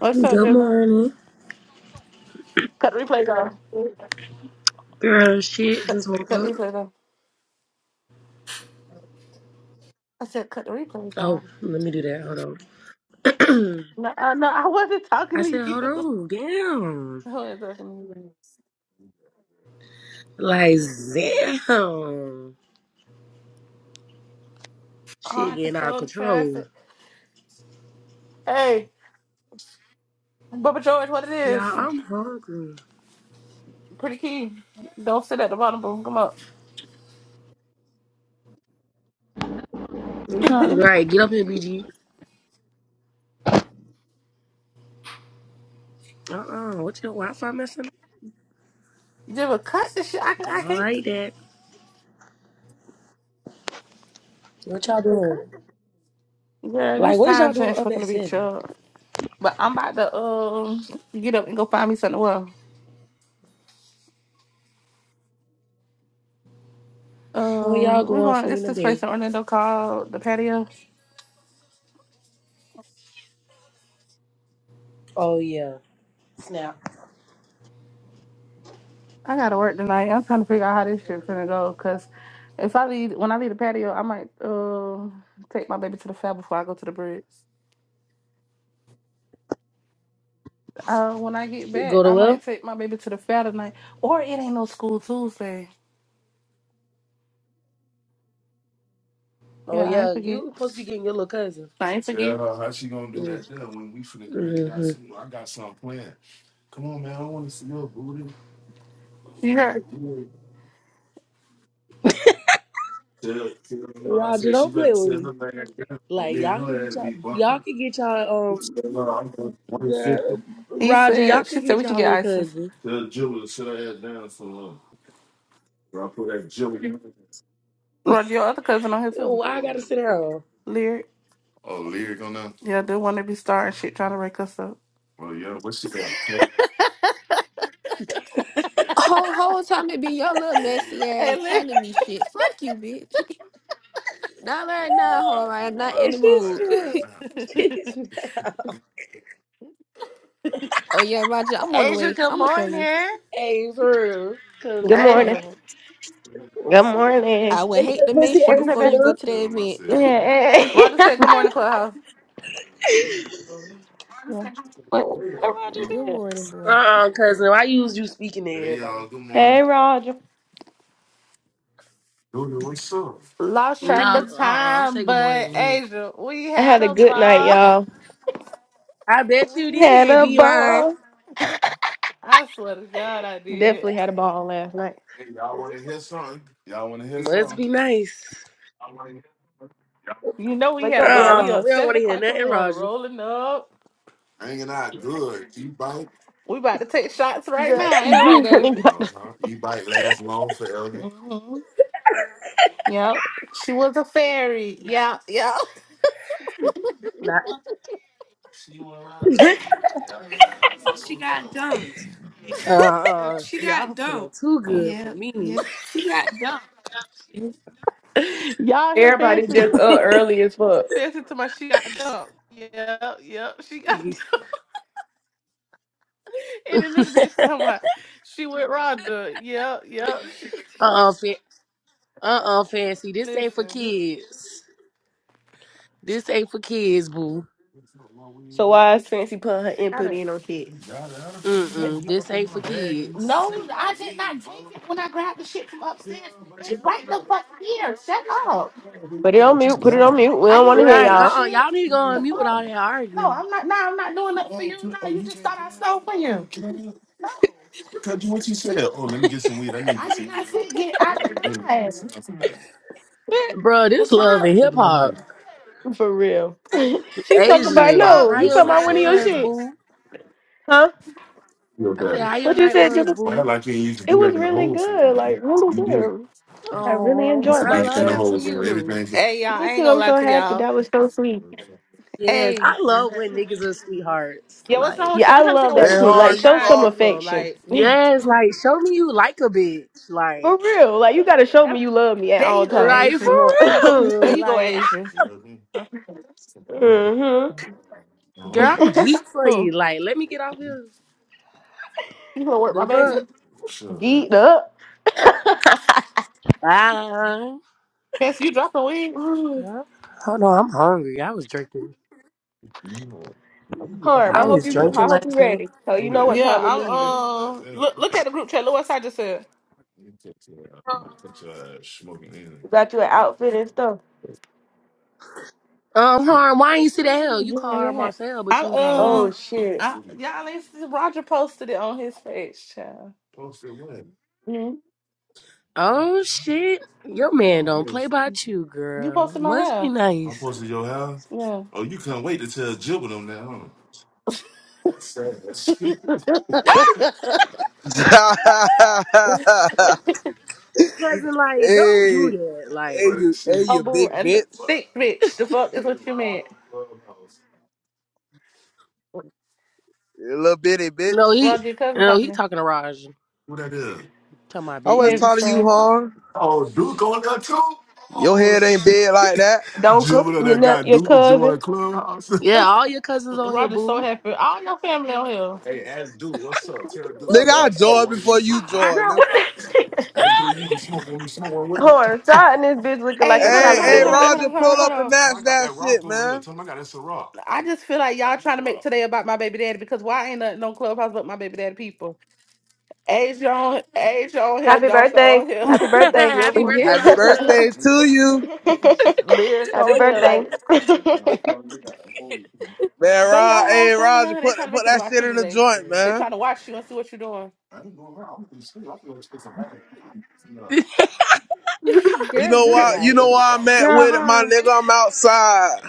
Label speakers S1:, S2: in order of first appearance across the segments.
S1: What's up,
S2: Good
S1: Jibble?
S2: morning.
S1: Cut the replays off.
S2: Girl, shit,
S1: Cut,
S2: just woke
S1: cut the
S2: up.
S1: replays off. I said, cut the replays
S2: Oh,
S1: off.
S2: let me do that. Hold on.
S1: No, uh, no, I wasn't talking
S2: I said,
S1: to you.
S2: hold on, damn.
S1: I wasn't talking to you.
S2: Like, damn. Shit
S1: Hard
S2: getting out of
S1: control the
S2: control.
S1: traffic. Hey, Bubba George, what it
S2: Y'all,
S1: is?
S2: I'm hungry.
S1: Pretty key. Don't sit at the bottom, boom, come up.
S2: Mm,
S3: huh
S1: Jibble,
S2: Right, get up here, BG. Uh-uh, what your Wi-Fi messing up?
S1: cut the shit. I, can-
S2: I
S1: I
S2: don't
S1: can't.
S2: like that. What y'all doing?
S1: Girl,
S2: Like,
S1: this
S2: what is y'all
S1: time
S2: doing
S1: change
S2: up
S1: fucking
S2: at
S1: to be
S2: 7?
S1: chub. But I'm about to um get up and go find me something. Well,
S2: Where y'all
S1: um, we
S2: going
S1: going.
S2: for
S1: It's
S2: Nina
S1: this
S2: Day?
S1: place in Orlando called the Patio.
S2: Oh, yeah. Snap.
S1: I gotta work tonight. I'm trying to figure out how this shit finna go. Cause if I leave, when I leave the patio, I might uh take my baby to the fair before I go to the bridge. Uh, when I get back,
S2: Go to
S1: I
S2: Will?
S1: might take my baby to the fair tonight. Or it ain't no school Tuesday.
S2: Oh,
S1: Yeah, I ain't
S2: yeah,
S1: forget.
S2: you supposed to be getting your little cousin.
S1: I ain't forget.
S2: Mm-hmm.
S1: You heard?
S2: Roger, don't play with me. Like y'all can get y'all, y'all can get y'all um girl,
S1: He
S2: Roger, y'all
S1: said. She
S2: could
S1: said
S2: get
S1: we can
S2: y'all
S1: get
S2: little
S1: ISIS.
S2: cousin.
S1: Roger, your other cousin on here
S2: You know,
S1: too.
S2: why I gotta sit down?
S1: Lyric. Yeah, the one that be starting shit, trying to wake us up.
S4: Whole whole time it be your little messy ass
S1: Hey,
S4: telling me shit. Fuck you, bitch. Not right now, home. I am not in
S2: And
S4: the
S2: she's
S4: mood.
S2: down.
S1: Lyric.
S2: She's down.
S4: oh yeah, Roger, I'm on the
S1: Asia,
S4: way.
S1: good
S4: I'ma show you.
S1: morning.
S2: Hey, for real. Cause
S5: Good
S2: the vote.
S5: morning.
S1: Asia.
S5: Good morning.
S4: I would
S2: Ain't
S4: hate
S2: that
S4: to
S2: pussy
S4: miss you
S1: What you say,
S4: before
S1: babe?
S4: you go to the event.
S5: Hey,
S1: Roger said, Good morning, Clubhouse.
S2: Asia?
S1: Yeah.
S5: Roger.
S4: Good
S5: said.
S4: morning, boy.
S2: Uh-uh, cousin. Why you was you speaking to everybody?
S5: Hey, Roger.
S1: Lost track
S2: Nah,
S1: of
S5: I
S2: uh-uh. Don't say
S1: time,
S2: good morning to
S1: but
S2: me.
S1: Asia, we had
S5: had a
S1: a
S5: good night,
S1: ball.
S5: y'all.
S2: I bet you
S5: We had
S2: did,
S5: a
S2: be mine.
S5: ball.
S1: I swear to God, I did.
S5: Definitely had a ball last night.
S2: Must be nice.
S1: You know, we
S5: Wake
S1: had a
S5: up,
S1: ball.
S5: Nana.
S1: We
S2: Uh-uh.
S1: up
S2: We don't
S1: seven
S2: want to hear
S1: o'clock in the
S2: nothing,
S1: morning,
S2: Roger.
S1: rolling up. We about to take shots right
S5: Girl,
S1: now. Ain't that right,
S5: you
S1: Daddy?
S5: really got to-
S1: Mm-hmm. Yep. She was a fairy. Yeah, yeah.
S2: Nah. Uh, y'all feeling too good for me.
S1: yeah. Y'all here
S5: Everybody
S1: fancy.
S5: just up early as fuck.
S1: Fancy to my she got dumped. Yep, yep. She got And then this bitch talking about she with Rhonda. Yep, yep. She-
S2: uh-uh, fa- uh-uh, fancy. This ain't for
S1: Listen,
S2: kids. This ain't for kids, boo.
S5: So why is Fancy putting her
S1: I
S5: input
S1: done-
S5: in on kids?
S2: Mm-mm, this ain't for
S1: you No,
S2: kids.
S1: I did not take it when I grabbed the shit from Yeah, upstairs. It's right the fuck here. Shut up.
S5: Put it on mute. Put it on mute. We
S1: I
S5: don't want to
S1: didn't
S5: hear
S1: go in
S2: Right,
S1: your
S5: y'all.
S2: uh-uh.
S1: shit.
S2: Y'all need to go
S1: The
S2: on mute with
S1: fuck?
S2: all that
S1: No,
S2: arguing.
S1: I'm not. Nah, I'm not doing nothing for you. you just thought I stole from you. I did not say get. I did not. Bitch,
S2: Bruh,
S1: The
S2: this love
S1: fuck?
S2: and hip-hop.
S5: For real. She's talking
S1: The
S5: about
S2: Asia,
S1: fuck?
S5: no.
S2: how
S5: You
S2: your
S5: talking about
S2: night
S5: one of your
S2: was,
S5: shit,
S2: boo?
S5: huh?
S2: I said, how your
S5: What you
S2: night
S5: said,
S2: was,
S5: Jibba?
S2: boo?
S5: It was really good. Like really good. I really
S2: Oh,
S5: enjoyed
S2: I love
S5: myself.
S2: that for you.
S1: Hey, y'all, I
S5: Me
S1: ain't
S5: too.
S1: gonna
S5: I'm
S1: lie
S5: so
S1: to
S5: happy.
S1: y'all.
S5: That was so sweet.
S2: Yes,
S1: Hey,
S2: I love when niggas are sweethearts.
S1: yeah, what's
S2: like.
S1: wrong with
S5: Yeah,
S1: you?
S5: I
S1: I'm trying to figure
S5: love
S1: out what
S5: that
S6: Hey,
S1: you doing
S5: sweet.
S1: all
S6: Har,
S1: that
S5: Like,
S6: you
S5: show
S1: crying
S5: some
S6: called
S1: shit
S6: me.
S1: for.
S5: affection.
S1: Like,
S5: For
S2: Yes, like show me you like a bitch. Like
S5: real. Like, you got to show
S1: that's-
S5: me you love me at
S1: there
S5: all
S1: you go,
S5: times.
S2: like for
S1: Asia. There
S2: real.
S5: mm-hmm.
S1: you go,
S2: Like
S1: Asia. Who?
S2: girl, I'm geek for you. Like, let me get off here.
S1: You gonna work my
S2: The fuck?
S1: baby?
S5: Geeked up.
S2: Bye.
S1: Yes, you dropping weed?
S5: Mm.
S2: Girl. Hold on, I'm hungry. I was drinking.
S5: Harm,
S2: I
S5: I hope
S2: was
S5: you I
S2: drinking
S5: hope you
S2: last night.
S5: ready. So you know what
S1: Yeah,
S5: time we
S1: I'm.
S5: leaving.
S1: Uh, look, look at the group chat. Look what I just said.
S5: We got you an outfit and stuff.
S2: Um, Harm, why ain't you see that hell? You
S1: Enjoy
S2: call her
S1: that.
S2: Marcel, but
S1: I'm.
S2: you ain't call me.
S5: Oh
S1: Um,
S5: shit.
S1: I, y'all ain't see Roger posted it on his page, child. Mhm.
S2: Oh shit. Your man don't play about you,
S1: You
S2: girl.
S1: posted my
S2: Must be
S1: hair.
S2: nice.
S1: Yeah.
S2: Cousin, like, don't do
S6: hey,
S2: that.
S6: hey,
S2: Like,
S6: you, hey,
S1: Oh,
S6: you
S1: boo,
S6: big
S1: and
S6: bitch,
S1: thick bitch. The fuck is what you meant.
S6: you little bitty bitch.
S2: no, he
S1: Roger, your cousin's
S2: no, he
S1: happening.
S2: talking to Raj. Talking about
S6: I
S2: bitch.
S6: was
S2: bitch.
S1: Maybe
S6: talking to you,
S1: so.
S6: Har. Your head ain't big like that,
S5: Donka, your ne- your cousin.
S2: Yeah, all your cousins on here,
S1: Roger's so
S2: boo.
S1: happy. All your family on here.
S6: nigga. I joined before you
S1: I,
S6: joined,
S5: Girl, what
S6: nigga.
S5: the Harm, starting this bitch looking
S1: hey,
S5: like a
S1: hold on,
S6: Hey,
S1: hold on,
S6: hey,
S5: Taliban.
S1: hold on, hold on,
S6: Roger,
S1: hold on,
S6: pull
S1: hold
S6: up and
S1: on.
S6: match that shit, man.
S1: I just feel like y'all trying to make today about my baby daddy because why ain't nothing on Clubhouse but my baby daddy people? Asia on, Asia on here,
S5: Happy
S1: Donka on
S5: birthday.
S1: here,
S5: Happy birthday.
S2: Happy
S1: Jibba.
S2: birthday,
S4: Girl,
S6: Happy
S2: Roger.
S6: birthday to you,
S1: Just lyric
S5: Happy
S1: on here,
S5: birthday.
S1: like,
S6: man.
S1: but your
S6: Rod,
S1: whole
S6: hey,
S1: family,
S6: Roger,
S1: huh? they
S6: put
S1: trying to
S6: put
S1: make it
S6: that
S1: about
S6: shit
S1: you
S6: in the
S1: today.
S6: joint,
S1: They
S6: man.
S1: trying to watch you and see what you're doing.
S6: You
S4: girl,
S6: know
S2: Gr-
S4: good
S6: why? You
S4: night.
S6: know why I'm at
S2: Girl,
S6: with it, my
S2: harm.
S6: nigga. I'm outside.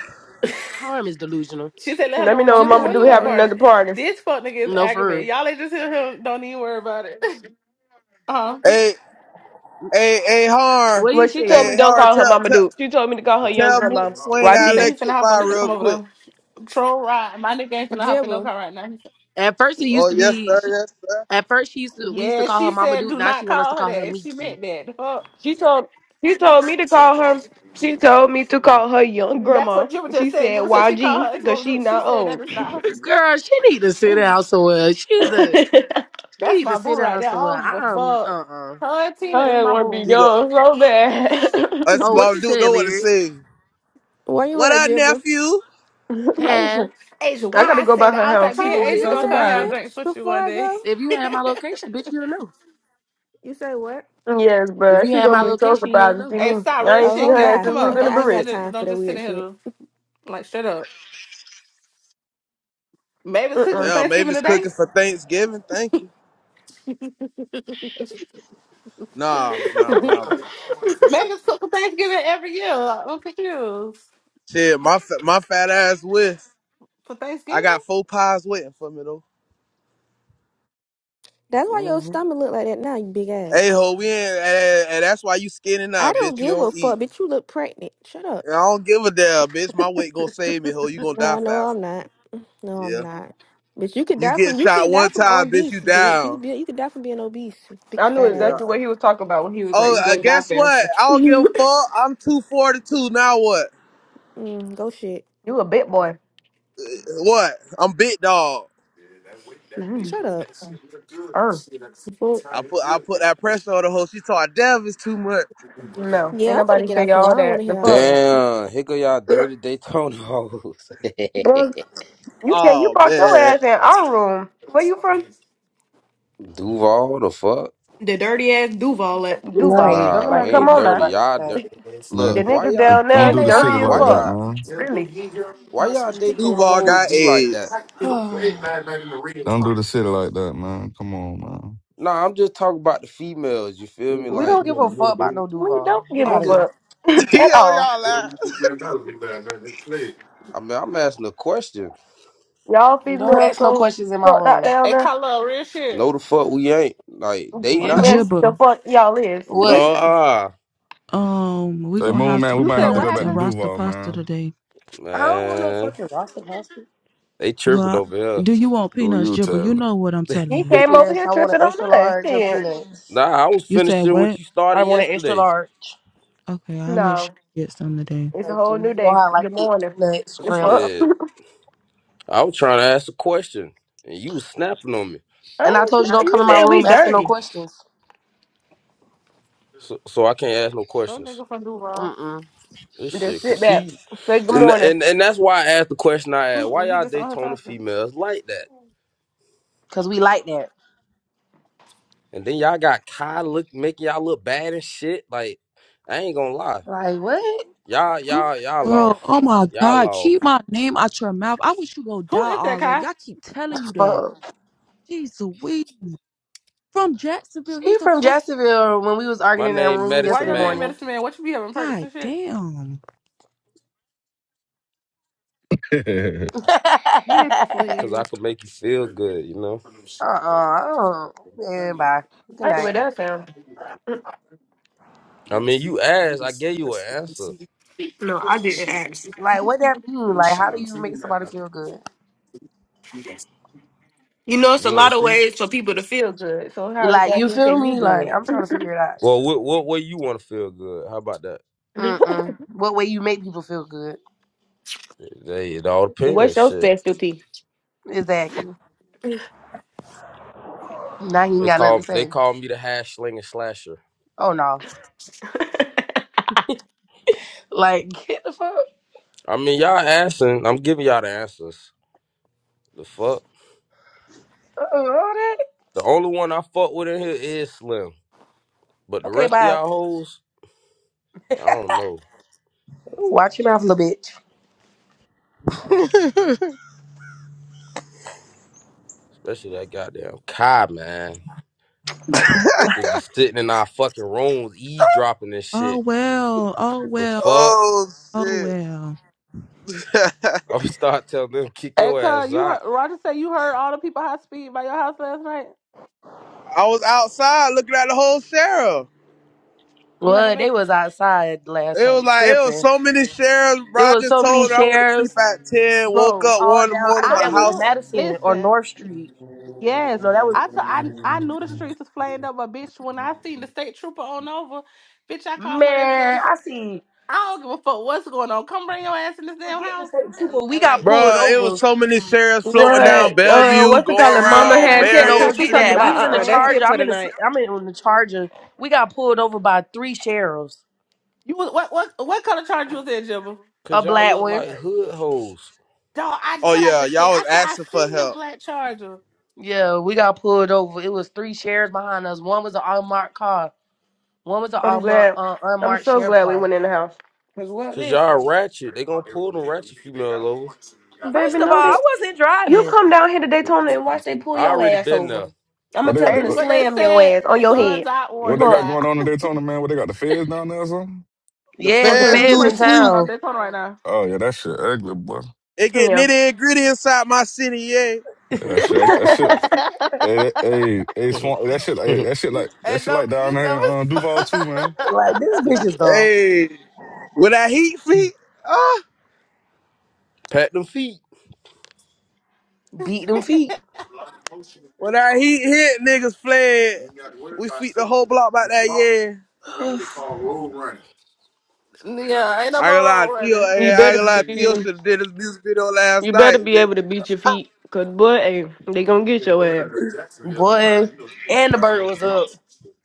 S2: Harm is delusional.
S1: She said, "Let her
S5: Let
S1: know
S5: me
S1: what
S5: know
S1: Mama
S5: when
S1: do
S4: Jibber,
S5: Mama
S4: where
S1: having
S5: Do
S4: you
S1: another
S5: having
S4: at?
S1: party."
S5: another party.
S1: This fuck nigga is
S2: No, for
S1: aggravated.
S2: real.
S1: Y'all ain't just hear him. Don't even worry about it. Uh,
S6: Hey, Hey, hey, Har.
S2: What
S5: Well,
S2: he
S5: she told me
S6: Hey,
S2: said.
S5: don't
S6: Har,
S5: call her
S6: tell,
S5: Mama
S6: tell,
S5: Do. She told me to call her young
S6: tell Moot
S5: grandma.
S6: to swing
S1: he
S6: that
S1: said
S5: YG.
S1: he finna
S6: electric
S1: hop
S6: by
S1: on it to
S6: real
S1: come over
S6: quick.
S1: there. Troll ride. My nigga ain't finna hop in no
S4: Jibber.
S1: car right now. He said-
S2: At first, it used
S6: Oh,
S2: to
S6: yes,
S2: be.
S6: sir.
S2: She,
S6: Yes, sir.
S2: at first, she used to. We used to
S1: Yeah,
S2: call
S1: she
S2: her Mama
S1: said,
S2: Duke.
S1: "Do
S2: Now
S1: not
S2: she want us to
S1: call her
S2: call her
S1: that." She
S2: Miki.
S1: meant that. The Fuck.
S5: She told she told me to call her. She told me to call her young
S1: That's
S5: grandma.
S1: what Jibba
S5: She
S1: just said.
S5: said
S1: Jibba said she called
S5: YG
S1: her ex
S5: because she
S1: woman. She
S5: not
S1: said that
S5: old.
S1: is not
S2: Girl, she need to sit
S1: her.
S2: down somewhere.
S5: her
S2: She's a. She
S1: That's
S2: need
S1: my
S2: to
S1: boo
S2: sit
S1: right
S2: down
S1: there. I
S2: somewhere.
S1: don't give a
S2: I'm.
S1: fuck.
S2: Uh. uh
S1: Her and Tina is
S5: ass
S1: my
S5: want to be
S1: boo.
S6: She go,
S5: young so bad.
S6: that's
S2: Oh, what
S6: about
S2: you
S6: to do.
S2: said,
S6: Know what to
S2: Lyric?
S6: say.
S4: Where you
S6: What
S4: at,
S6: up,
S4: Jibber?
S6: nephew?
S2: Huh?
S1: Asia, Asia,
S5: I
S1: why
S5: gotta
S1: I
S5: go by
S1: said that?
S5: her
S1: I was like,
S5: house. She
S1: me
S4: Oh,
S1: and
S5: gonna
S4: where
S5: be
S1: Asia
S5: so
S1: gonna
S4: you at,
S1: come have
S5: surprised.
S1: drinks
S4: bitch?
S1: with you
S4: Before
S1: one
S4: I
S1: day.
S4: go?
S2: If you had my location, bitch, you'll know.
S4: You say what?
S5: Yes,
S2: If
S5: bruh.
S2: you
S5: She
S2: had my
S5: gonna be so
S2: location, you'll
S5: surprised to
S2: know.
S5: see
S1: hey,
S5: me.
S1: stop,
S5: I
S1: real
S5: ain't
S4: Oh,
S5: seen
S1: shit.
S4: ho,
S5: her ass
S1: Get
S4: bye.
S5: since
S1: come
S4: I
S5: we was
S1: up.
S4: ain't,
S5: in the
S1: Don't
S4: I ain't
S1: just
S4: got
S1: sit
S5: barrage.
S1: in.
S4: time for
S1: Don't
S4: that
S1: just sit
S4: weird
S1: in
S4: shit.
S1: here. Like straight up. Megan's cooking
S5: Uh-uh.
S1: for
S6: Yeah,
S1: Thanksgiving
S6: Mavis
S1: today.
S6: cooking for Thanksgiving. Thank you. Nah, nah, nah.
S1: Megan's cook for Thanksgiving every year. I'm confused.
S6: Shit, my, fa- my fat ass with.
S1: For
S6: I
S1: Thanksgiving?
S6: got four pies waiting for me, though.
S4: That's why your
S6: hmm
S4: stomach look like that now, you big ass.
S6: Hey, ho, we ain't, and, and that's why you skinny now,
S4: I don't
S6: bitch. You
S4: give a
S6: don't eat.
S4: fuck, bitch. You look pregnant. Shut up.
S6: And I don't give a damn, bitch. My weight gonna save me, ho. You gonna die
S4: No, no,
S6: fast.
S4: I'm not. No, I'm not. Bitch, you can
S6: You
S4: die
S6: get
S4: from you
S6: shot
S4: can die
S6: one
S4: from
S6: time, bitch,
S4: obese,
S6: you
S4: bitch. You
S6: down.
S4: could be you could die from being obese, big
S5: I knew
S4: fat
S6: Yeah.
S5: exactly
S4: ass.
S5: what he was talking about when he was like,
S6: Oh,
S5: "You
S6: uh,
S5: gonna die
S6: guess what?
S5: fast."
S6: I don't give a fuck. I'm 242. Now what?
S4: Mm, go shit.
S5: You a bit boy.
S6: What? I'm big dog.
S5: Mm.
S4: Shut up.
S5: Er. You fuck?
S6: I put I put that pressure on the hoe. She told Dev is too much.
S5: No,
S4: Yeah,
S5: ain't
S4: I'm gonna
S5: nobody
S4: get
S5: say
S4: off here. I
S5: all
S4: don't want
S5: that.
S4: to
S5: The
S4: hear all
S5: fuck.
S4: that.
S7: Damn, here go y'all dirty Daytona hoes.
S2: Bro,
S5: You said you
S6: Oh
S5: brought your
S6: man,
S5: ass in our room. Where you from?
S7: Duval, the fuck?
S5: The dirty ass Duval at Duval
S2: right? Don't
S5: nigga.
S7: Nah,
S5: Like,
S7: we
S2: nobody
S5: come
S7: ain't
S2: give a
S5: on
S2: fuck
S5: now.
S7: dirty.
S2: about
S7: Y'all
S2: that.
S7: dirty?
S5: The
S7: Look,
S8: man.
S7: why
S5: nigga
S7: y'all,
S5: down
S8: Don't
S5: there
S1: And
S8: do
S1: they
S8: the city
S5: dirty
S1: all
S5: as
S7: why
S8: like that,
S5: fuck.
S7: y'all,
S8: man.
S5: Really.
S7: why y'all Daytona
S6: Duval
S7: hoes
S6: got
S7: be like
S6: AIDS.
S7: that?
S8: Don't do the city like that, man. Come on, man.
S7: Nah, I'm just talking about the females. You feel me?
S2: we
S7: Like,
S2: don't give a fuck about no
S5: We
S2: Duval.
S5: don't
S2: Get
S5: give
S7: I'm
S2: out
S5: a
S2: of
S7: just,
S2: here.
S5: fuck
S6: he
S5: at
S6: on
S5: all.
S6: y'all ass.
S7: I mean, I'm asking a question.
S5: Y'all
S2: Don't
S5: females
S2: ask no
S5: so
S2: questions in my
S5: fucked out
S2: room.
S5: down
S1: they
S5: there.
S1: call up real shit.
S7: No, the fuck we ain't. Like, they
S1: What's
S2: Yes.
S1: up,
S7: not.
S5: Yes,
S1: boo?
S5: the
S9: Jibba,
S5: fuck y'all is.
S2: What?
S7: Nah,
S9: um, we
S8: Hey,
S9: gonna
S8: Moon,
S9: have
S8: man,
S9: some
S8: we
S1: You
S8: might
S1: said
S8: have to
S1: what
S8: go
S9: peanuts
S8: back to
S9: and
S1: happened?
S9: rasta
S8: Duval,
S9: pasta
S8: man.
S9: today.
S2: I don't want no
S7: man,
S2: fucking roster pasta.
S7: they tripping
S9: Well,
S7: over here.
S9: do you want
S8: Who
S9: peanuts,
S8: you
S9: Jibba? You
S8: telling?
S9: know what I'm telling
S5: He
S9: you.
S5: came over
S2: Yes,
S5: here
S2: I want
S5: tripping
S2: an
S5: on
S2: extra
S5: us.
S2: large of
S5: Shit.
S2: peanuts.
S7: Nah, I was
S9: You said
S7: finishing what
S9: what?
S7: you started
S2: I want an extra
S7: yesterday.
S2: large.
S9: Okay, I'll make
S5: No,
S9: sure you get some today.
S5: it's a
S2: Thank
S5: whole
S2: you.
S5: new
S2: You know
S5: day.
S2: how I like
S5: Good
S2: it.
S5: morning.
S2: Peanuts,
S5: The fuck?
S2: scrimps.
S7: Shit. I was trying to ask a question, and you was snapping on me,
S5: I
S2: And I
S5: ain't
S2: told you
S5: not.
S2: don't
S5: You
S2: come in my
S5: said
S2: room
S5: we
S2: asking no
S5: dirty.
S2: questions.
S7: so so I can't ask no
S1: do
S7: questions.
S1: nigga from Duval.
S2: Mm-mm.
S7: This
S5: Just
S7: shit, cra-
S5: sit back.
S7: see,
S5: Say good
S7: and
S5: morning.
S7: and, and that's why I asked the question I asked. Why
S1: Mm-mm, he
S7: y'all
S1: just on here
S7: Daytona
S1: talking.
S7: females like that?
S2: Cause we like that.
S7: And then y'all got Kai look making y'all look bad and shit. Like I ain't gonna lie,
S2: Like what?
S7: y'all
S2: What
S7: y'all y'all
S9: Girl,
S7: off,
S9: oh my
S7: y'all
S9: God, keep
S7: off.
S9: my name out your mouth. I wish you go die
S1: Who is that, Kai?
S9: already. I keep telling
S2: the
S9: you that.
S2: fuck?
S9: Jeez Louise. From Jacksonville.
S2: He
S9: He's a
S2: from
S9: fuck.
S2: Jacksonville when we was
S7: My
S2: arguing in that
S7: name
S2: room
S1: Why
S7: Medicine
S2: yesterday
S1: your name
S7: Man,
S2: morning.
S1: Medicine Man? What you be having perks
S9: God
S1: and shit?
S9: damn.
S8: what they
S1: Bitch,
S7: cause I
S1: please.
S7: could make you feel good. You know,
S2: Uh uh I don't. And bye.
S5: I
S2: Good
S5: like the way
S2: night.
S5: that sounds.
S7: I mean, you asked, I gave you an answer.
S5: No, I didn't ask.
S2: Like, what that mean? Like, how do you make somebody feel good?
S5: You know, it's
S7: You
S5: a
S7: want
S5: lot
S7: to
S5: of
S7: see?
S5: ways for people to feel good. So how
S2: Like, you
S5: exactly
S2: feel
S5: can you
S2: me?
S5: do
S2: Like, I'm trying to figure it out.
S7: Well, what what way you want to feel good? How about that?
S5: it?
S2: Mm mm. What way you make people feel good?
S7: They it all
S5: What's
S7: depends.
S5: your
S7: Shit,
S5: specialty?
S2: Exactly. Now he ain't
S7: they
S2: got nothing
S7: call
S2: to
S7: they
S2: say.
S7: call me the hash slinger slasher.
S2: Oh no. Like, get the fuck.
S7: I mean, y'all asking, I'm giving y'all the answers. The fuck.
S2: out of all that.
S7: The only one I fuck with in here is Slim, but the
S2: Okay,
S7: rest of
S2: bye.
S7: y'all hoes, I don't know.
S2: Ooh, Watch your mouth, little bitch.
S7: Especially that goddamn Kai man, just be sitting in our fucking rooms eavesdropping this
S9: Oh
S7: shit.
S9: well. Oh
S7: The
S9: well.
S7: fuck.
S6: Oh
S9: Oh
S6: shit.
S9: well.
S7: I'm gonna start telling them kick
S1: Hey,
S7: your
S1: Kai,
S7: ass
S1: you heard
S7: out,
S1: Roger say you heard all the people high speed by your house last night.
S6: I was outside looking at the whole sheriff.
S1: You heard them,
S2: Well, they
S1: babe?
S2: was outside last
S6: It was
S2: night
S6: like it was
S2: tripping.
S6: so many sheriffs. Bro,
S2: It
S6: I
S2: was
S6: just
S2: so many
S6: told her I went to sleep
S2: shares
S6: at ten. Woke
S1: Bro,
S6: up one
S2: all
S6: in the
S2: down. I
S6: morning.
S2: think
S1: I
S6: My
S2: that was
S6: house
S1: knew.
S2: Madison or
S1: Listen,
S2: North Street.
S1: yes,
S2: No, that was
S1: I t- I I knew the streets was flamed up, but bitch, when I seen the state trooper on over, bitch, I called my baby daddy.
S2: man.
S1: So
S2: I see
S1: I don't give a fuck what's going on. Come bring your ass in this damn
S2: Forget the
S1: house
S2: state
S1: and,
S2: trooper. We
S1: and
S2: got
S1: like,
S2: pulled
S6: Bruh, it was
S2: over.
S6: so many sheriffs floating down
S5: What? Uh,
S6: Bellevue,
S5: what's the
S6: going
S5: calling? Mama
S6: around
S5: had
S1: yes, them
S5: texted.
S2: No,
S6: Marion
S5: and
S1: crackers
S5: She
S2: forget
S1: was
S5: talked
S2: that.
S6: Street.
S2: We
S1: not
S5: about.
S2: was in the
S5: Uh, uh
S1: playing.
S5: that's it
S2: charger.
S5: for
S2: I'm in the s-
S5: tonight.
S2: I'm in on the charger. We got pulled over by three sheriffs.
S1: You was what what what color charger was that, Jibba?
S2: A
S7: cause y'all
S2: black
S7: look
S2: one.
S7: like hood hoes.
S1: Dog, I
S6: Oh
S1: what I
S6: yeah,
S1: just said.
S6: y'all was
S1: I said I
S6: asking for
S1: seen the
S6: help.
S1: black charger.
S2: Yeah, we got pulled over. It was three sheriffs behind us. One was an unmarked car. One was an
S5: I'm
S2: unmarked,
S5: glad.
S2: uh,
S5: I'm
S2: unmarked
S5: so
S2: sheriff
S5: glad we
S2: car.
S5: went in the house. Cause what?
S7: Cause y'all
S1: Listen,
S7: ratchet. They gonna pull them ratchet female over.
S5: Baby,
S2: First of all,
S5: know
S2: I
S5: that
S2: wasn't
S5: you
S2: driving.
S5: come down here to Daytona and watch they pull
S7: I
S5: your
S7: already
S5: ass
S7: been
S5: over. I'm gonna tell
S8: got? The,
S5: them to
S1: and what they
S5: slam
S8: uh, uh,
S5: your
S1: said,
S5: ass on your
S8: uh,
S1: sun's
S5: head.
S1: out,
S5: The
S8: what they
S1: warts
S5: fuck.
S8: got
S1: out.
S8: going on in Daytona, man? What they got the feds down there or something?
S6: The
S1: Oh
S2: Yes, the
S1: yeah,
S6: feds
S1: it's
S5: hmm
S1: too
S6: do
S2: feds
S6: the
S2: in
S1: much shit
S6: sleep.
S1: going on
S2: town.
S1: Daytona right
S8: Oh yeah, that shit ugly, boy.
S6: It get
S5: Yeah.
S6: nitty and gritty inside my city, yeah.
S8: Yeah, that shit, that shit.
S1: Oh.
S8: Hey,
S1: now.
S8: that, hey, hey,
S7: there.
S8: Swan, that shit, hey, that shit like that
S1: And
S8: shit
S1: don't
S8: like down
S1: you
S8: there
S1: never.
S8: in uh, Duval too, man.
S2: Like this bitch is dumb.
S6: Hey, when that heat feet, ah,
S7: Pat them feet.
S2: Beat them feet.
S6: when that heat hit, niggas fled. We feet the whole block back that, yeah.
S1: yeah, ain't no
S6: I ain't gonna
S1: more
S6: lie,
S1: road
S6: Theo,
S1: running.
S5: you
S6: eh, I ain't
S5: better
S6: gonna lie, Theo
S5: be.
S6: should have did this music video last
S5: You better
S6: night,
S5: be
S6: bitch.
S5: able to beat your feet, cause boy, hey, they gonna get your ass.
S2: Boy. And the bird was up.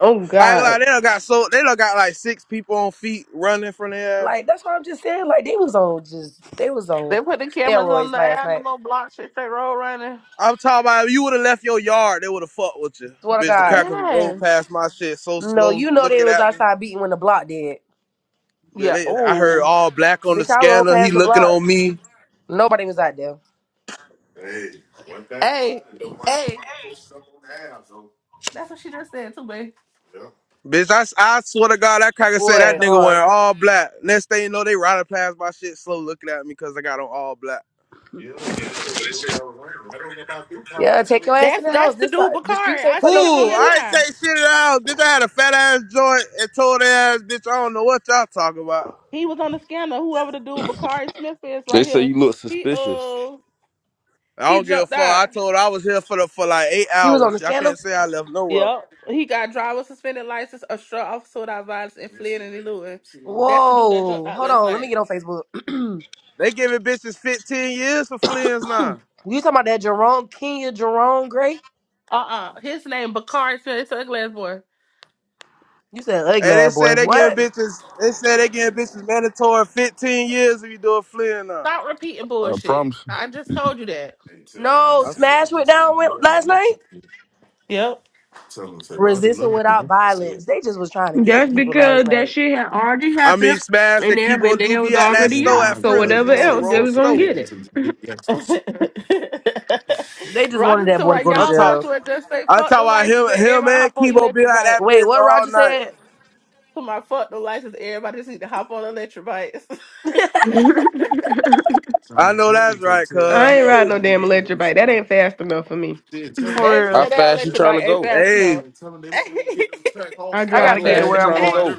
S5: Oh
S6: I ain't gonna
S5: God.
S6: lie, they done got so, they done got like six people on feet running from there.
S2: Like that's what I'm just saying. Like they was on just they was on
S1: They put the cameras on
S2: steroids
S1: the
S2: last night.
S1: animal block shit. They road running.
S6: I'm talking about if you would have left your yard, they would have fucked with you.
S2: Swear to
S6: Bitch, the
S2: God.
S6: cracker
S1: Yes.
S6: rolled past my shit so
S2: No,
S6: slow,
S2: you know they
S6: looking
S2: was
S6: at me.
S2: outside beating when the block did.
S6: But
S1: Yeah.
S6: they, I heard
S1: Oh.
S6: all black on the
S2: Bitch, I rolled
S6: scanner. He
S2: past the
S6: looking
S2: block.
S6: on me.
S2: Nobody was out there.
S1: Hey, hey. That's what she just said too, babe.
S6: Bitch, I, s- I swear to God, that cracker said that
S2: What,
S6: nigga
S2: hard?
S6: wearing all black. Next thing you know, they riding past my shit slow, looking at me because I got on all black.
S2: Yeah, take your ass in
S1: That's
S2: the
S1: that's
S2: house.
S1: the
S2: This uh,
S1: dude
S2: the
S1: Bakari.
S2: streets
S1: I
S2: ain't for
S1: see
S2: no
S1: him on
S6: Ooh,
S1: here
S6: I ain't
S2: kids.
S1: now.
S6: take shit in the house. Bitch, I had a fat ass joint and told their ass, bitch, I don't know what y'all talking about.
S1: He was on the scanner. Whoever the dude Bakari Smith is
S7: They
S1: right
S7: say
S1: here.
S7: you look
S1: He
S7: suspicious.
S1: uh
S6: I
S1: he
S6: don't give a
S1: jumped
S6: fuck.
S1: out.
S6: I told her I was here for the for like eight
S2: He was on the
S6: hours. Y'all
S2: scandal.
S6: can't say I left nowhere.
S1: Yep. He got driver suspended license, a straw officer without violence and fled in eluding. That's the dude that jumped
S2: Whoa,
S1: out
S2: hold
S1: last
S2: on. Let me
S1: night.
S2: get on Facebook. you
S6: They giving bitches 15 years for fleas now.
S2: talking about that Jerome Kenya Jerome Gray?
S1: Uh uh His name Bakari Smith. It's a glass boy.
S2: You said ugly
S6: Hey, they
S2: ass
S6: say
S2: boy.
S6: they giving
S2: What?
S6: bitches. They say they giving bitches mandatory 15 years if you do a flea now.
S1: Stop repeating
S8: I
S1: bullshit.
S8: promise.
S1: I just told you that.
S2: No,
S6: I, s-
S2: Smash went down with last night.
S1: Yep.
S2: resisting without violence. They just was trying to get
S5: That's
S2: people last
S5: because that
S2: night.
S5: shit had already
S6: I mean,
S5: happened,
S6: Smash
S5: and
S6: and Kibo
S5: everybody
S6: do
S5: was
S6: be at that
S5: already
S6: store
S5: out.
S6: at
S5: So
S6: Friendly's, you
S5: whatever
S6: know, the
S5: else, they
S6: wrong
S5: was gonna
S6: store.
S5: get
S1: the extras.
S2: They just wanted
S1: Roger
S2: that
S1: to
S2: boy to
S1: my
S2: go to
S6: I
S1: y'all might
S6: talk,
S1: as
S2: jail.
S1: well just say
S6: I
S1: fuck
S6: talk
S1: the
S6: about him,
S1: license and
S6: him
S1: everybody hop
S6: and
S1: on
S6: Kibo be
S1: electric
S6: at that
S1: bike.
S2: Wait,
S6: bitch
S2: what
S6: all
S2: Roger
S6: night.
S2: said?
S1: To my fuck the license, everybody just need to hop on electric bikes.
S5: it.
S6: I know that's right,
S5: I
S6: cuz.
S5: ain't ride no damn electric bike. That ain't fast enough for me.
S1: they
S2: For
S1: just
S7: How
S2: real.
S1: said that
S7: fast you
S1: electric
S7: trying to
S1: bike ain't
S7: go?
S1: fast
S6: Hey,
S1: enough. go
S5: I
S2: I
S7: How
S2: gotta
S5: drive
S2: get to
S7: fast
S5: fast,
S7: you
S2: where I'm
S7: trying to
S5: Lucas.
S1: hey,
S2: going.
S7: go?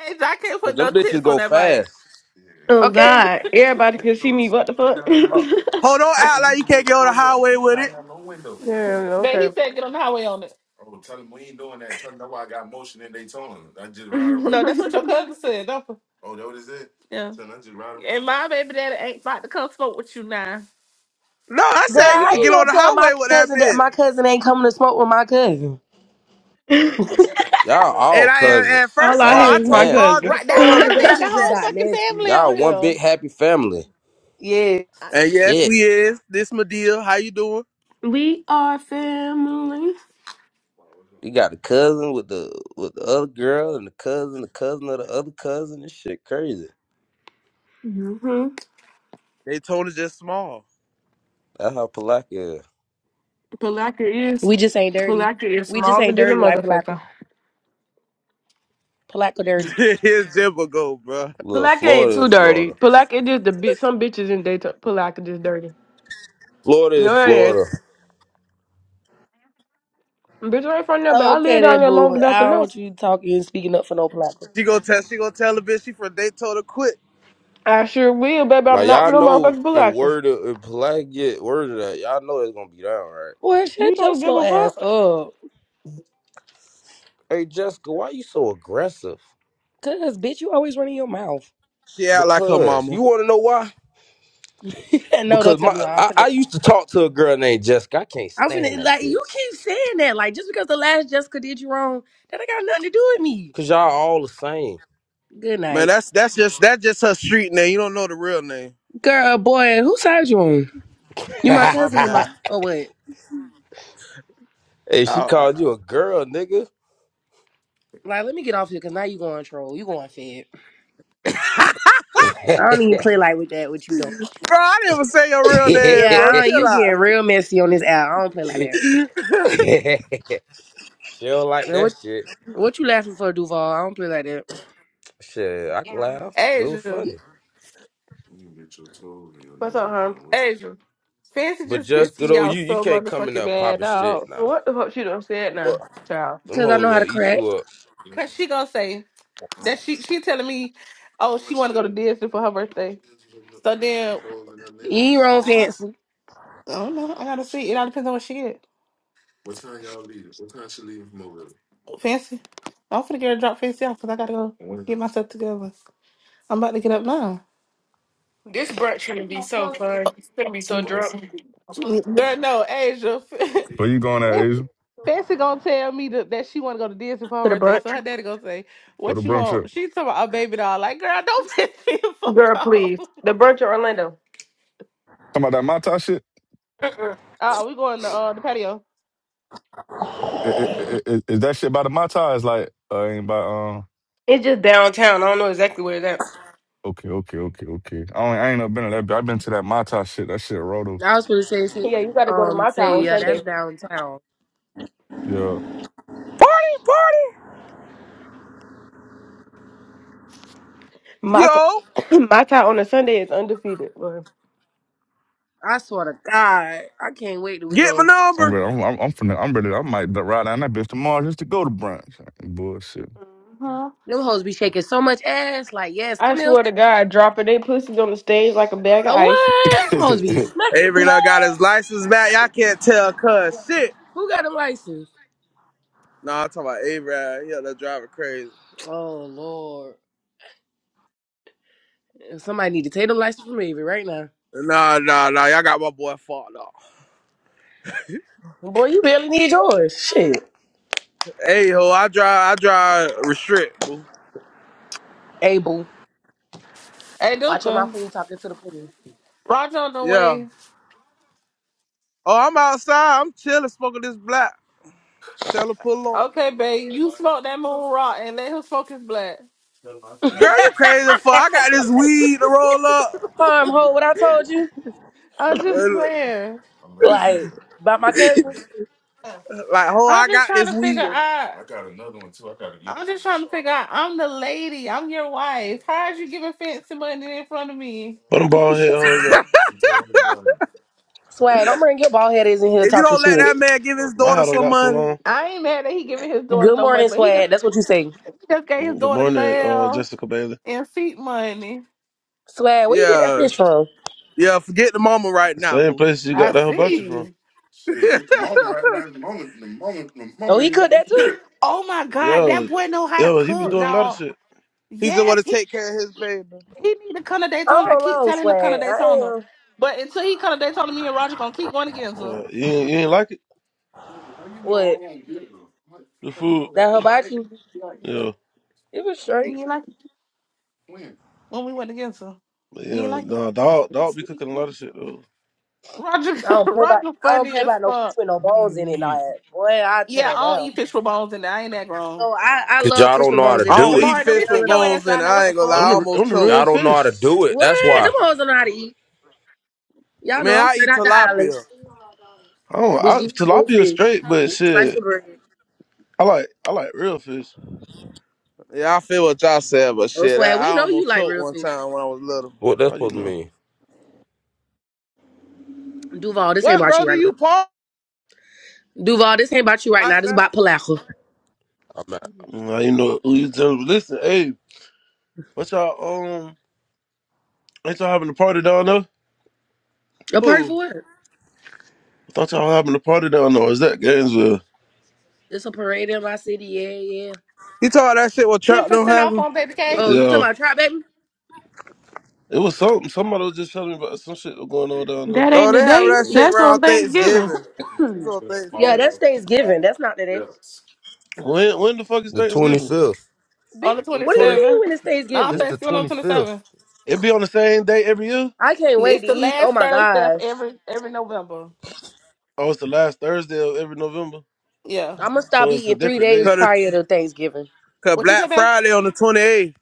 S1: hey, I can't
S7: Cause
S1: put
S7: them
S1: no
S7: bitches
S1: tits
S7: go
S1: on that bike.
S7: fast.
S1: Yeah.
S5: Oh
S2: Okay?
S5: God, everybody can see me. What the fuck?
S6: uh, hold on,
S1: I,
S6: act
S1: And you
S6: like you
S1: can
S6: can't
S1: get
S6: get
S1: right
S6: on the
S1: on there,
S6: highway
S1: They ain't
S6: with
S1: got
S6: it.
S1: to have no window.
S5: yeah,
S1: but
S5: okay.
S1: he said get on the highway on it. Oh, tell Tell we ain't doing that. Tell them that's why I I got motion in Daytona. I just ride. around. No, that's what your cousin said. Don't, yeah. Tell them I just ride around. And my baby daddy ain't about to come smoke with you now.
S6: No, I
S2: Girl,
S6: said you
S2: how
S6: could
S2: you
S6: get on
S2: gonna
S6: the
S2: tell my
S6: highway with that
S2: cousin that
S6: bitch.
S2: my cousin ain't coming to smoke with my cousin?
S7: Y'all all
S6: And I
S1: Right.
S6: and
S7: cousins.
S6: and
S5: All
S6: first of
S5: I
S6: all,
S5: hear
S6: I
S7: God
S5: is my
S6: told
S7: damn.
S6: Roger
S5: cousin.
S6: to
S1: Right.
S2: Hold
S1: That's
S6: pull
S1: what
S2: on,
S6: up
S1: I
S2: cause
S6: and
S2: that
S1: said. The
S6: match
S2: shit just
S6: that
S1: whole
S2: got
S6: shit.
S1: fucking
S2: messy.
S1: family
S7: Y'all
S1: on
S7: one big
S1: here.
S7: happy family.
S2: Yeah.
S1: I-
S6: And yes,
S7: Shit.
S6: we is. This Medea, how you doing?
S5: we are family.
S7: You got the cousin with the with the other girl and the cousin, the cousin of the other cousin. This shit crazy.
S5: hmm
S6: Daytona's just small.
S7: That's how Palaka is.
S5: Palaka is
S2: We just ain't dirty.
S5: Palaka is
S2: We just
S5: smaller
S2: ain't
S5: than a
S2: dirty like Polaco.
S5: motherfucker.
S2: Polaco dirty.
S6: Here's Jimbo go, bro.
S7: Look,
S5: Palaka ain't
S7: Florida
S5: too
S7: is
S5: dirty.
S7: Florida.
S5: Palaka just the bitch. Some bitches in daytime. Palaka just dirty.
S7: Florida
S5: No,
S7: is
S5: I ain't.
S7: Florida.
S5: Bitch, I ain't from there, but I lived
S2: Okay
S5: down
S2: then,
S5: there long
S2: boo.
S5: enough to
S2: I don't
S5: know.
S2: want you talking and speaking up for no Polaco.
S6: She gonna tell she gonna tell the bitch she from Daytona quit.
S5: I sure will, baby.
S7: Now
S5: I'm not
S7: y'all
S5: for no
S7: know
S5: motherfucking
S7: if
S5: Polackers.
S7: word of if Palaka get word of that, y'all know it's gonna be down, right?
S2: Boy,
S5: We
S2: shut your
S5: don't give
S2: slow
S5: a
S2: ass
S5: fuck.
S2: up.
S7: Hey Jessica, why you so aggressive?
S2: Cause bitch, you always running your mouth.
S6: She act like her
S7: Because you
S6: mama.
S7: want to know why?
S2: no,
S7: Because
S2: don't tell
S7: my
S2: me why. I'm
S7: I, I
S2: finna,
S7: used to talk to a girl named Jessica. I can't
S2: I'm
S7: stand
S2: finna,
S7: that
S2: like, you
S7: bitch.
S2: keep saying that. Like, just because the last Jessica did you wrong, that ain't got nothing to do with me.
S7: Cause y'all all the same.
S2: Good
S6: Man,
S2: night.
S6: that's that's just that's just her street name. You don't know the real name.
S2: Girl, boy, who side you on? You my
S6: Oh my
S2: cousin and my,
S6: bad.
S2: oh, what?
S7: hey, she
S6: Oh, I-
S7: called you a girl, nigga.
S2: Like, let me get off here because now you going troll. You going fed. I don't even play like with that, what you don't.
S6: bro, I didn't even say your real name,
S2: Yeah,
S6: bro.
S2: I don't,
S6: Chill
S2: you getting
S6: out.
S2: real messy on this app. I don't play like that.
S7: she don't like
S2: And
S7: that
S2: what,
S7: shit.
S2: what you laughing for, Duval? I don't play like that.
S7: Shit, I can laugh. It was
S1: Asia.
S7: funny.
S1: You can get your toes and your
S5: What's up,
S1: nails
S5: hon?
S1: done. What Asia. Fancy
S7: But
S1: just
S7: just
S1: pissed
S7: good
S1: me
S7: old
S1: off
S7: you, you
S1: so
S7: can't come in
S1: motherfucking
S7: there
S1: bad,
S7: popping shit
S1: dog.
S7: now.
S5: What the fuck she done said now, child?
S7: Them
S2: Because I
S7: hoes
S2: know how
S7: gonna
S2: to
S7: eat
S2: crack.
S7: you up.
S1: the- Cause she gonna say, That she she telling me, oh, she want to go to Disney for her birthday. So then,
S2: You ain't wrong, fancy.
S1: I don't know. I gotta see. It all depends on what she get. Fancy. I'm finna get her to drop fancy off because I gotta go get myself together. I'm about to get up now.
S5: This brunch gonna be so fun. Gonna be so drunk.
S1: Girl, no, Asia.
S8: But you going at
S1: Fancy
S8: Asia?
S1: Fancy gonna tell me that, that she wanna go to Disney for her
S5: To the
S1: birthday. So
S5: brunch,
S1: her daddy gonna say,
S8: For the
S1: "What you
S8: brunch
S1: want?"
S8: up?
S1: She talking about a baby doll. Like, girl, don't piss me the fuck
S5: girl,
S1: off.
S5: please. The brunch in Orlando.
S8: Talking about that Mata shit?
S5: Mm-mm.
S1: Uh, we going to uh the patio.
S8: Is, is, is that shit by the Mata? It's like uh, ain't by um.
S5: It's just downtown. I don't know exactly where it's at.
S8: Okay, okay, okay, okay. I, only, I ain't never been to that. but I've been to that Mata shit. That shit roto.
S2: I was going to say, shit,
S5: Yeah, you gotta go to
S2: um,
S5: my town
S2: say,
S5: on
S2: yeah, that's
S5: Sunday.
S2: downtown.
S8: Yeah,
S6: Party, party.
S5: My t-
S6: Yo,
S5: my town on a Sunday is undefeated. Lord.
S2: I swear to God, I can't wait till we
S6: get my
S2: go.
S8: I'm
S6: number.
S8: ready. I'm I'm, I'm from. The, I'm ready. I might ride down that bitch tomorrow just to go to brunch. Bullshit.
S5: Huh?
S2: Them hoes be shaking so much ass. Like, yes,
S5: I
S2: come here.
S5: swear to God, dropping they pussies on the stage like a bag of
S2: Oh,
S5: ice.
S2: what? Them hoes be smacking. What?
S6: Avery done got his license back. Y'all can't tell cuz shit.
S2: Who got a license?
S6: Nah, I'm talking about Avery. Yeah, that driver crazy.
S2: Oh, Lord. Somebody need to take the license from Avery right now.
S6: Nah, nah, nah. Y'all got my boy fucked up.
S2: Boy, you barely need yours. Shit.
S6: Hey, ho, I drive, I drive restrict, boo.
S2: Abel,
S1: Hey,
S2: watch your mouth
S1: Duka,
S2: when you talking to the queen.
S1: Roger on the
S6: Yeah.
S1: way.
S6: Oh, I'm outside. I'm chilling, smoking this black. Tell her pull up.
S1: Okay, babe, you smoke that moon rock and let him smoke his black.
S6: Girl, you crazy as fuck. I got this weed to roll up.
S2: Harm, ho, what I told you?
S1: I'm just saying.
S2: Like, about my cousins?
S6: Like, ho,
S1: I'm
S6: I
S1: just
S6: got
S1: trying
S6: this
S1: to figure
S6: wheel.
S1: out. I'm got got. another one too. I i just trying to figure out. I'm the lady. I'm your wife. How is you giving fancy money in front of me?
S10: What them bald head hoes at?
S2: Swag, don't bring your bald head is in here
S6: If you
S2: talking
S6: don't let
S2: shit.
S1: He-
S6: that man give his
S10: My
S6: daughter
S10: hat done
S6: some
S10: got so
S6: money,
S10: long.
S1: I ain't mad that he giving his daughter
S2: Good
S1: no money,
S2: morning,
S1: but he just
S2: Swag. That's what you say.
S1: he just gave his
S10: Good
S1: daughter
S10: morning, uh,
S1: nail
S10: Jessica Bailey.
S1: and feet money.
S2: Swag, where you get that
S6: yeah,
S2: fish from?
S6: yeah, forget the mama right
S10: The
S6: now,
S10: same
S6: boo.
S10: place you got
S1: I
S10: that hibachi from.
S1: see.
S2: Oh, he cooked that too?
S1: Oh my God, that
S10: Yo,
S1: boy know how to
S10: yo, he be
S6: he
S1: cook,
S10: doing a lot of
S1: dog.
S10: shit.
S6: just want
S1: Yes,
S6: to
S1: he
S6: take care of his baby.
S1: He need to come to
S2: I
S1: Daytona. I
S2: don't
S1: keep
S2: know,
S1: telling him to
S2: swag.
S1: come to Daytona.
S2: I am
S1: But until he come to Daytona, me and Roger gonna keep going against him.
S10: What, you, ain't, you ain't like it?
S2: what
S10: The food?
S2: that hibachi.
S10: Yeah.
S2: It was
S1: You
S2: straight.
S1: ain't like it? when we went against him.
S10: But
S1: You ain't
S10: yeah,
S1: like it?
S10: nah, dog, dog be cooking a lot of shit, though.
S1: Roger
S2: I don't play by.
S1: Roger
S2: I don't
S1: funny
S2: play
S1: as
S2: by no fish
S1: fuck.
S2: with no bones in it. Nah, boy, I tear
S1: Yeah,
S2: that
S1: I don't
S2: down.
S1: eat fish for bones and I ain't that grown.
S2: So I, I
S7: Cause
S2: love
S7: y'all
S2: fish
S7: don't
S2: with
S7: know how
S2: bones
S7: to
S6: I
S2: in. it. I'ma
S7: do
S6: don't
S2: chew
S7: it.
S6: eat
S2: the
S1: Jamari, don't be
S6: fish
S2: tail
S6: with
S1: sitting
S2: and
S1: your
S2: all.
S6: bones
S1: ass
S6: in it.
S1: out now. What
S6: I
S1: the
S6: ain't gonna lie.
S10: Them
S6: I
S1: fuck?
S10: the,
S6: almost
S10: them the
S6: choked.
S10: real
S7: Y'all don't know how
S10: fish.
S7: to do it. That's
S2: What?
S10: Shit.
S2: Them
S7: why.
S2: hoes don't know how to eat. Y'all know
S6: Man,
S2: I'm
S6: I
S2: straight
S6: eat
S2: out the
S6: tilapia.
S2: islands.
S10: I don't,
S2: Bitch,
S10: I,
S2: give me the whole
S10: tilapia
S2: fish
S10: straight, but
S2: with a slice
S10: shit,
S2: of bread.
S10: I like, I like real fish.
S6: Yeah, I feel what y'all said, but
S2: Oh,
S6: shit, I,
S2: swag.
S6: I
S2: We know you
S6: almost
S2: like
S6: choked
S2: real
S6: one
S2: fish.
S6: time when I was little.
S7: What that's
S10: How you
S7: supposed to
S10: know?
S7: mean?
S2: Duval, this ain't
S6: What,
S2: about
S6: bro?
S2: you
S6: Do
S2: right now.
S6: you pump
S2: Duval, this ain't about you right
S6: like
S2: now. This
S6: that?
S2: about Palaco.
S7: I'm at
S10: Mm, How you know who you tell? Listen, hey, what y'all, um, ain't y'all having a party down there?
S2: A party
S6: Who?
S2: for what?
S10: I thought y'all having a party down there. Is that Gainesville?
S2: It's a parade in my city. Yeah, yeah.
S6: You told that shit what
S1: Ten
S6: Trap don't
S1: percent
S6: have?
S1: off on baby K
S2: Oh, you talking
S10: Yeah,
S2: about trap, baby?
S10: it was something. Somebody was just telling me about some shit was going on down there.
S5: That
S6: Oh,
S5: ain't
S6: they
S5: the
S6: have
S5: day.
S6: that shit
S5: That's
S6: around
S5: on Thanksgiving.
S6: Thanksgiving. That's on
S2: Yeah,
S6: Thanksgiving.
S2: that's Thanksgiving. That's not today.
S10: When when the fuck is
S7: the
S10: Thanksgiving?
S7: 25th.
S2: Bitch,
S1: on the
S6: The
S1: twenty
S2: what do you
S6: twenty,
S2: mean
S1: seventh.
S2: when it's
S1: No,
S7: It's
S2: Thanksgiving?
S7: the
S1: Thanksgiving on twenty
S7: 25th.
S1: seventh.
S10: It be on the same day every year.
S2: I can't wait
S1: It's
S2: to
S1: the
S2: eat. Oh
S1: last
S2: my
S1: Thursday of
S2: gosh.
S1: every every November.
S10: Oh, it's the last Thursday of every November,
S1: Yeah.
S2: I'm gonna
S10: so
S2: stop
S10: it's a
S2: eating three
S10: different day.
S2: days
S6: cause, it's,
S2: prior to Thanksgiving.
S6: cause
S1: What you say,
S6: Black
S1: babe?
S6: Friday on the twenty eighth.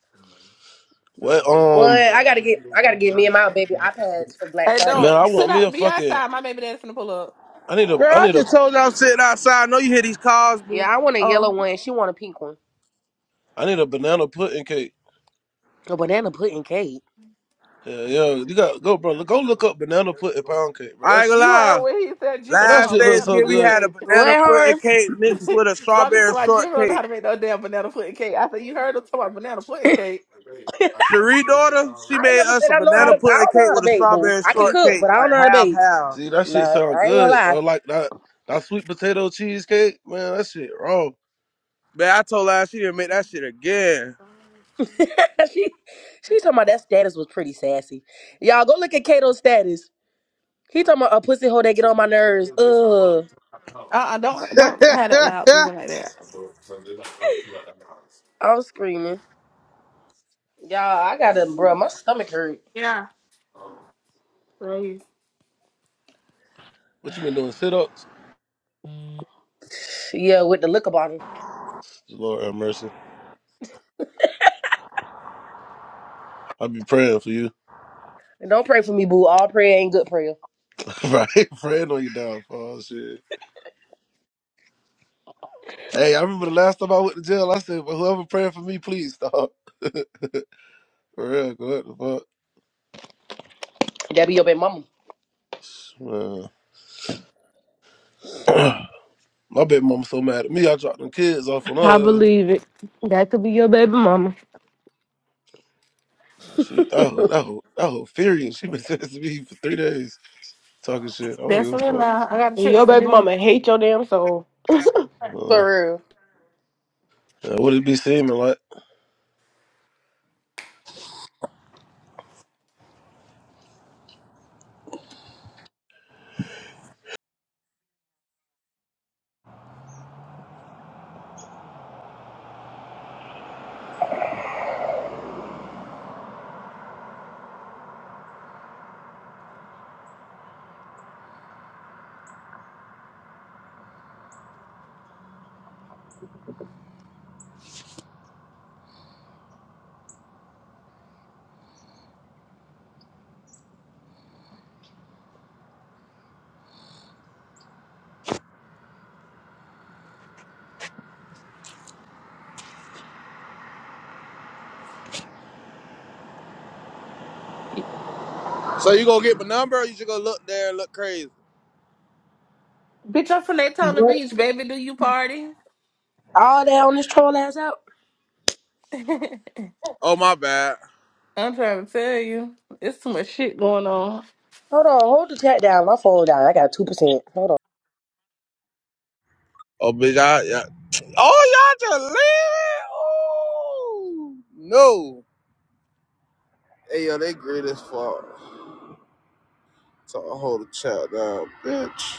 S10: What? Um,
S2: Well, I gotta get I gotta get me and my baby iPads for Black
S1: Hey,
S10: man,
S2: Friday.
S10: I
S1: don't sit
S10: want me a
S1: out. Be
S10: fucking.
S1: outside. My baby dad's gonna pull up.
S10: I need a.
S6: Girl,
S10: I
S6: I
S10: need a.
S6: just told y'all I'm sitting outside. I know you hear these calls, boo.
S2: Yeah, I want a
S1: Oh.
S2: yellow one. She want a pink one.
S10: I need a banana pudding cake.
S2: A banana pudding cake.
S10: Yeah, yeah. You got go, bro. Go look up banana pudding pound cake, bro.
S6: I ain't
S10: That's
S6: gonna
S1: You heard
S6: lie.
S1: what he said,
S10: but
S1: Jibba to
S10: that
S6: Last
S1: my
S10: shit looks
S1: banana
S10: so
S6: Thanksgiving we
S1: pudding
S10: good.
S6: had a
S1: cake.
S2: What,
S6: banana
S2: her?
S6: pudding cake mixed with a
S1: Roger to
S6: strawberry
S1: my Jibba don't know
S6: shortcake.
S1: how to make no damn banana pudding cake. I said, You heard him to about banana pudding cake.
S6: Cherie daughter, she
S2: I ain't
S6: made
S2: never
S6: us
S2: said
S6: a
S2: I know
S1: All
S2: how
S6: banana
S2: to.
S1: right,
S2: I
S6: pudding
S2: don't know
S6: cake
S2: how to
S6: with a
S2: bake, boo.
S6: strawberry
S2: I can
S1: later.
S2: cook,
S6: shortcake,
S2: but I
S6: like
S2: don't know how to
S6: half
S2: bake.
S6: half.
S10: See, that
S2: Nah,
S10: shit sound
S2: I ain't gonna
S10: good.
S2: lie.
S10: Or like that that sweet potato cheesecake, man. That shit raw.
S6: Man, I told her how she didn't make that shit again.
S2: she she talking about that status was pretty sassy. Y'all go look at Kato's status. He talking about a pussy hole
S1: Uh
S2: that get on my nerves. Ugh.
S1: uh-uh, uh, don't don't have that loud,
S6: Yeah.
S1: even like that.
S2: I'm screaming. Y'all, I got to bruh, my stomach hurt.
S1: Yeah, please.
S10: What you been doing? Sit ups.
S2: Yeah, with the liquor bottle.
S10: Lord have mercy. I'll be praying for you.
S2: And don't pray for me, boo. All prayer ain't good prayer.
S10: right? Praying on your downfall. Shit. Hey, I remember the last time I went to jail, I said, well, whoever praying for me, please stop. for real, what the
S2: That be your baby mama.
S10: fuck? Man. My baby mama so mad at me, I dropped them kids off on
S5: I
S10: her.
S5: believe it. That could be your baby mama.
S10: She, that whole, that whole, that whole furious. She been sending to me for three days talking shit. I don't
S1: That's
S10: give a
S1: real
S10: fuck.
S1: loud. I got a trip
S5: Your
S1: for
S5: baby
S1: you.
S5: mama hate your damn soul.
S10: Uh,
S2: For
S10: uh, what it be seeming like?
S6: So you gonna get my number or you just gonna look there and look crazy?
S1: Bitch, I'm from
S2: real.
S1: Daytona
S2: What?
S1: Beach, baby. Do you party?
S2: All that on this troll ass out?
S1: I'm
S6: Oh my bad.
S1: trying to tell you, it's too much shit going on.
S2: Hold on, hold the chat down. My phone down. I got 2%. Hold on.
S6: Oh bitch, I yeah. Oh y'all just leave it? Ooh. No. Hey yo, they great as fuck. So I hold a child down, bitch.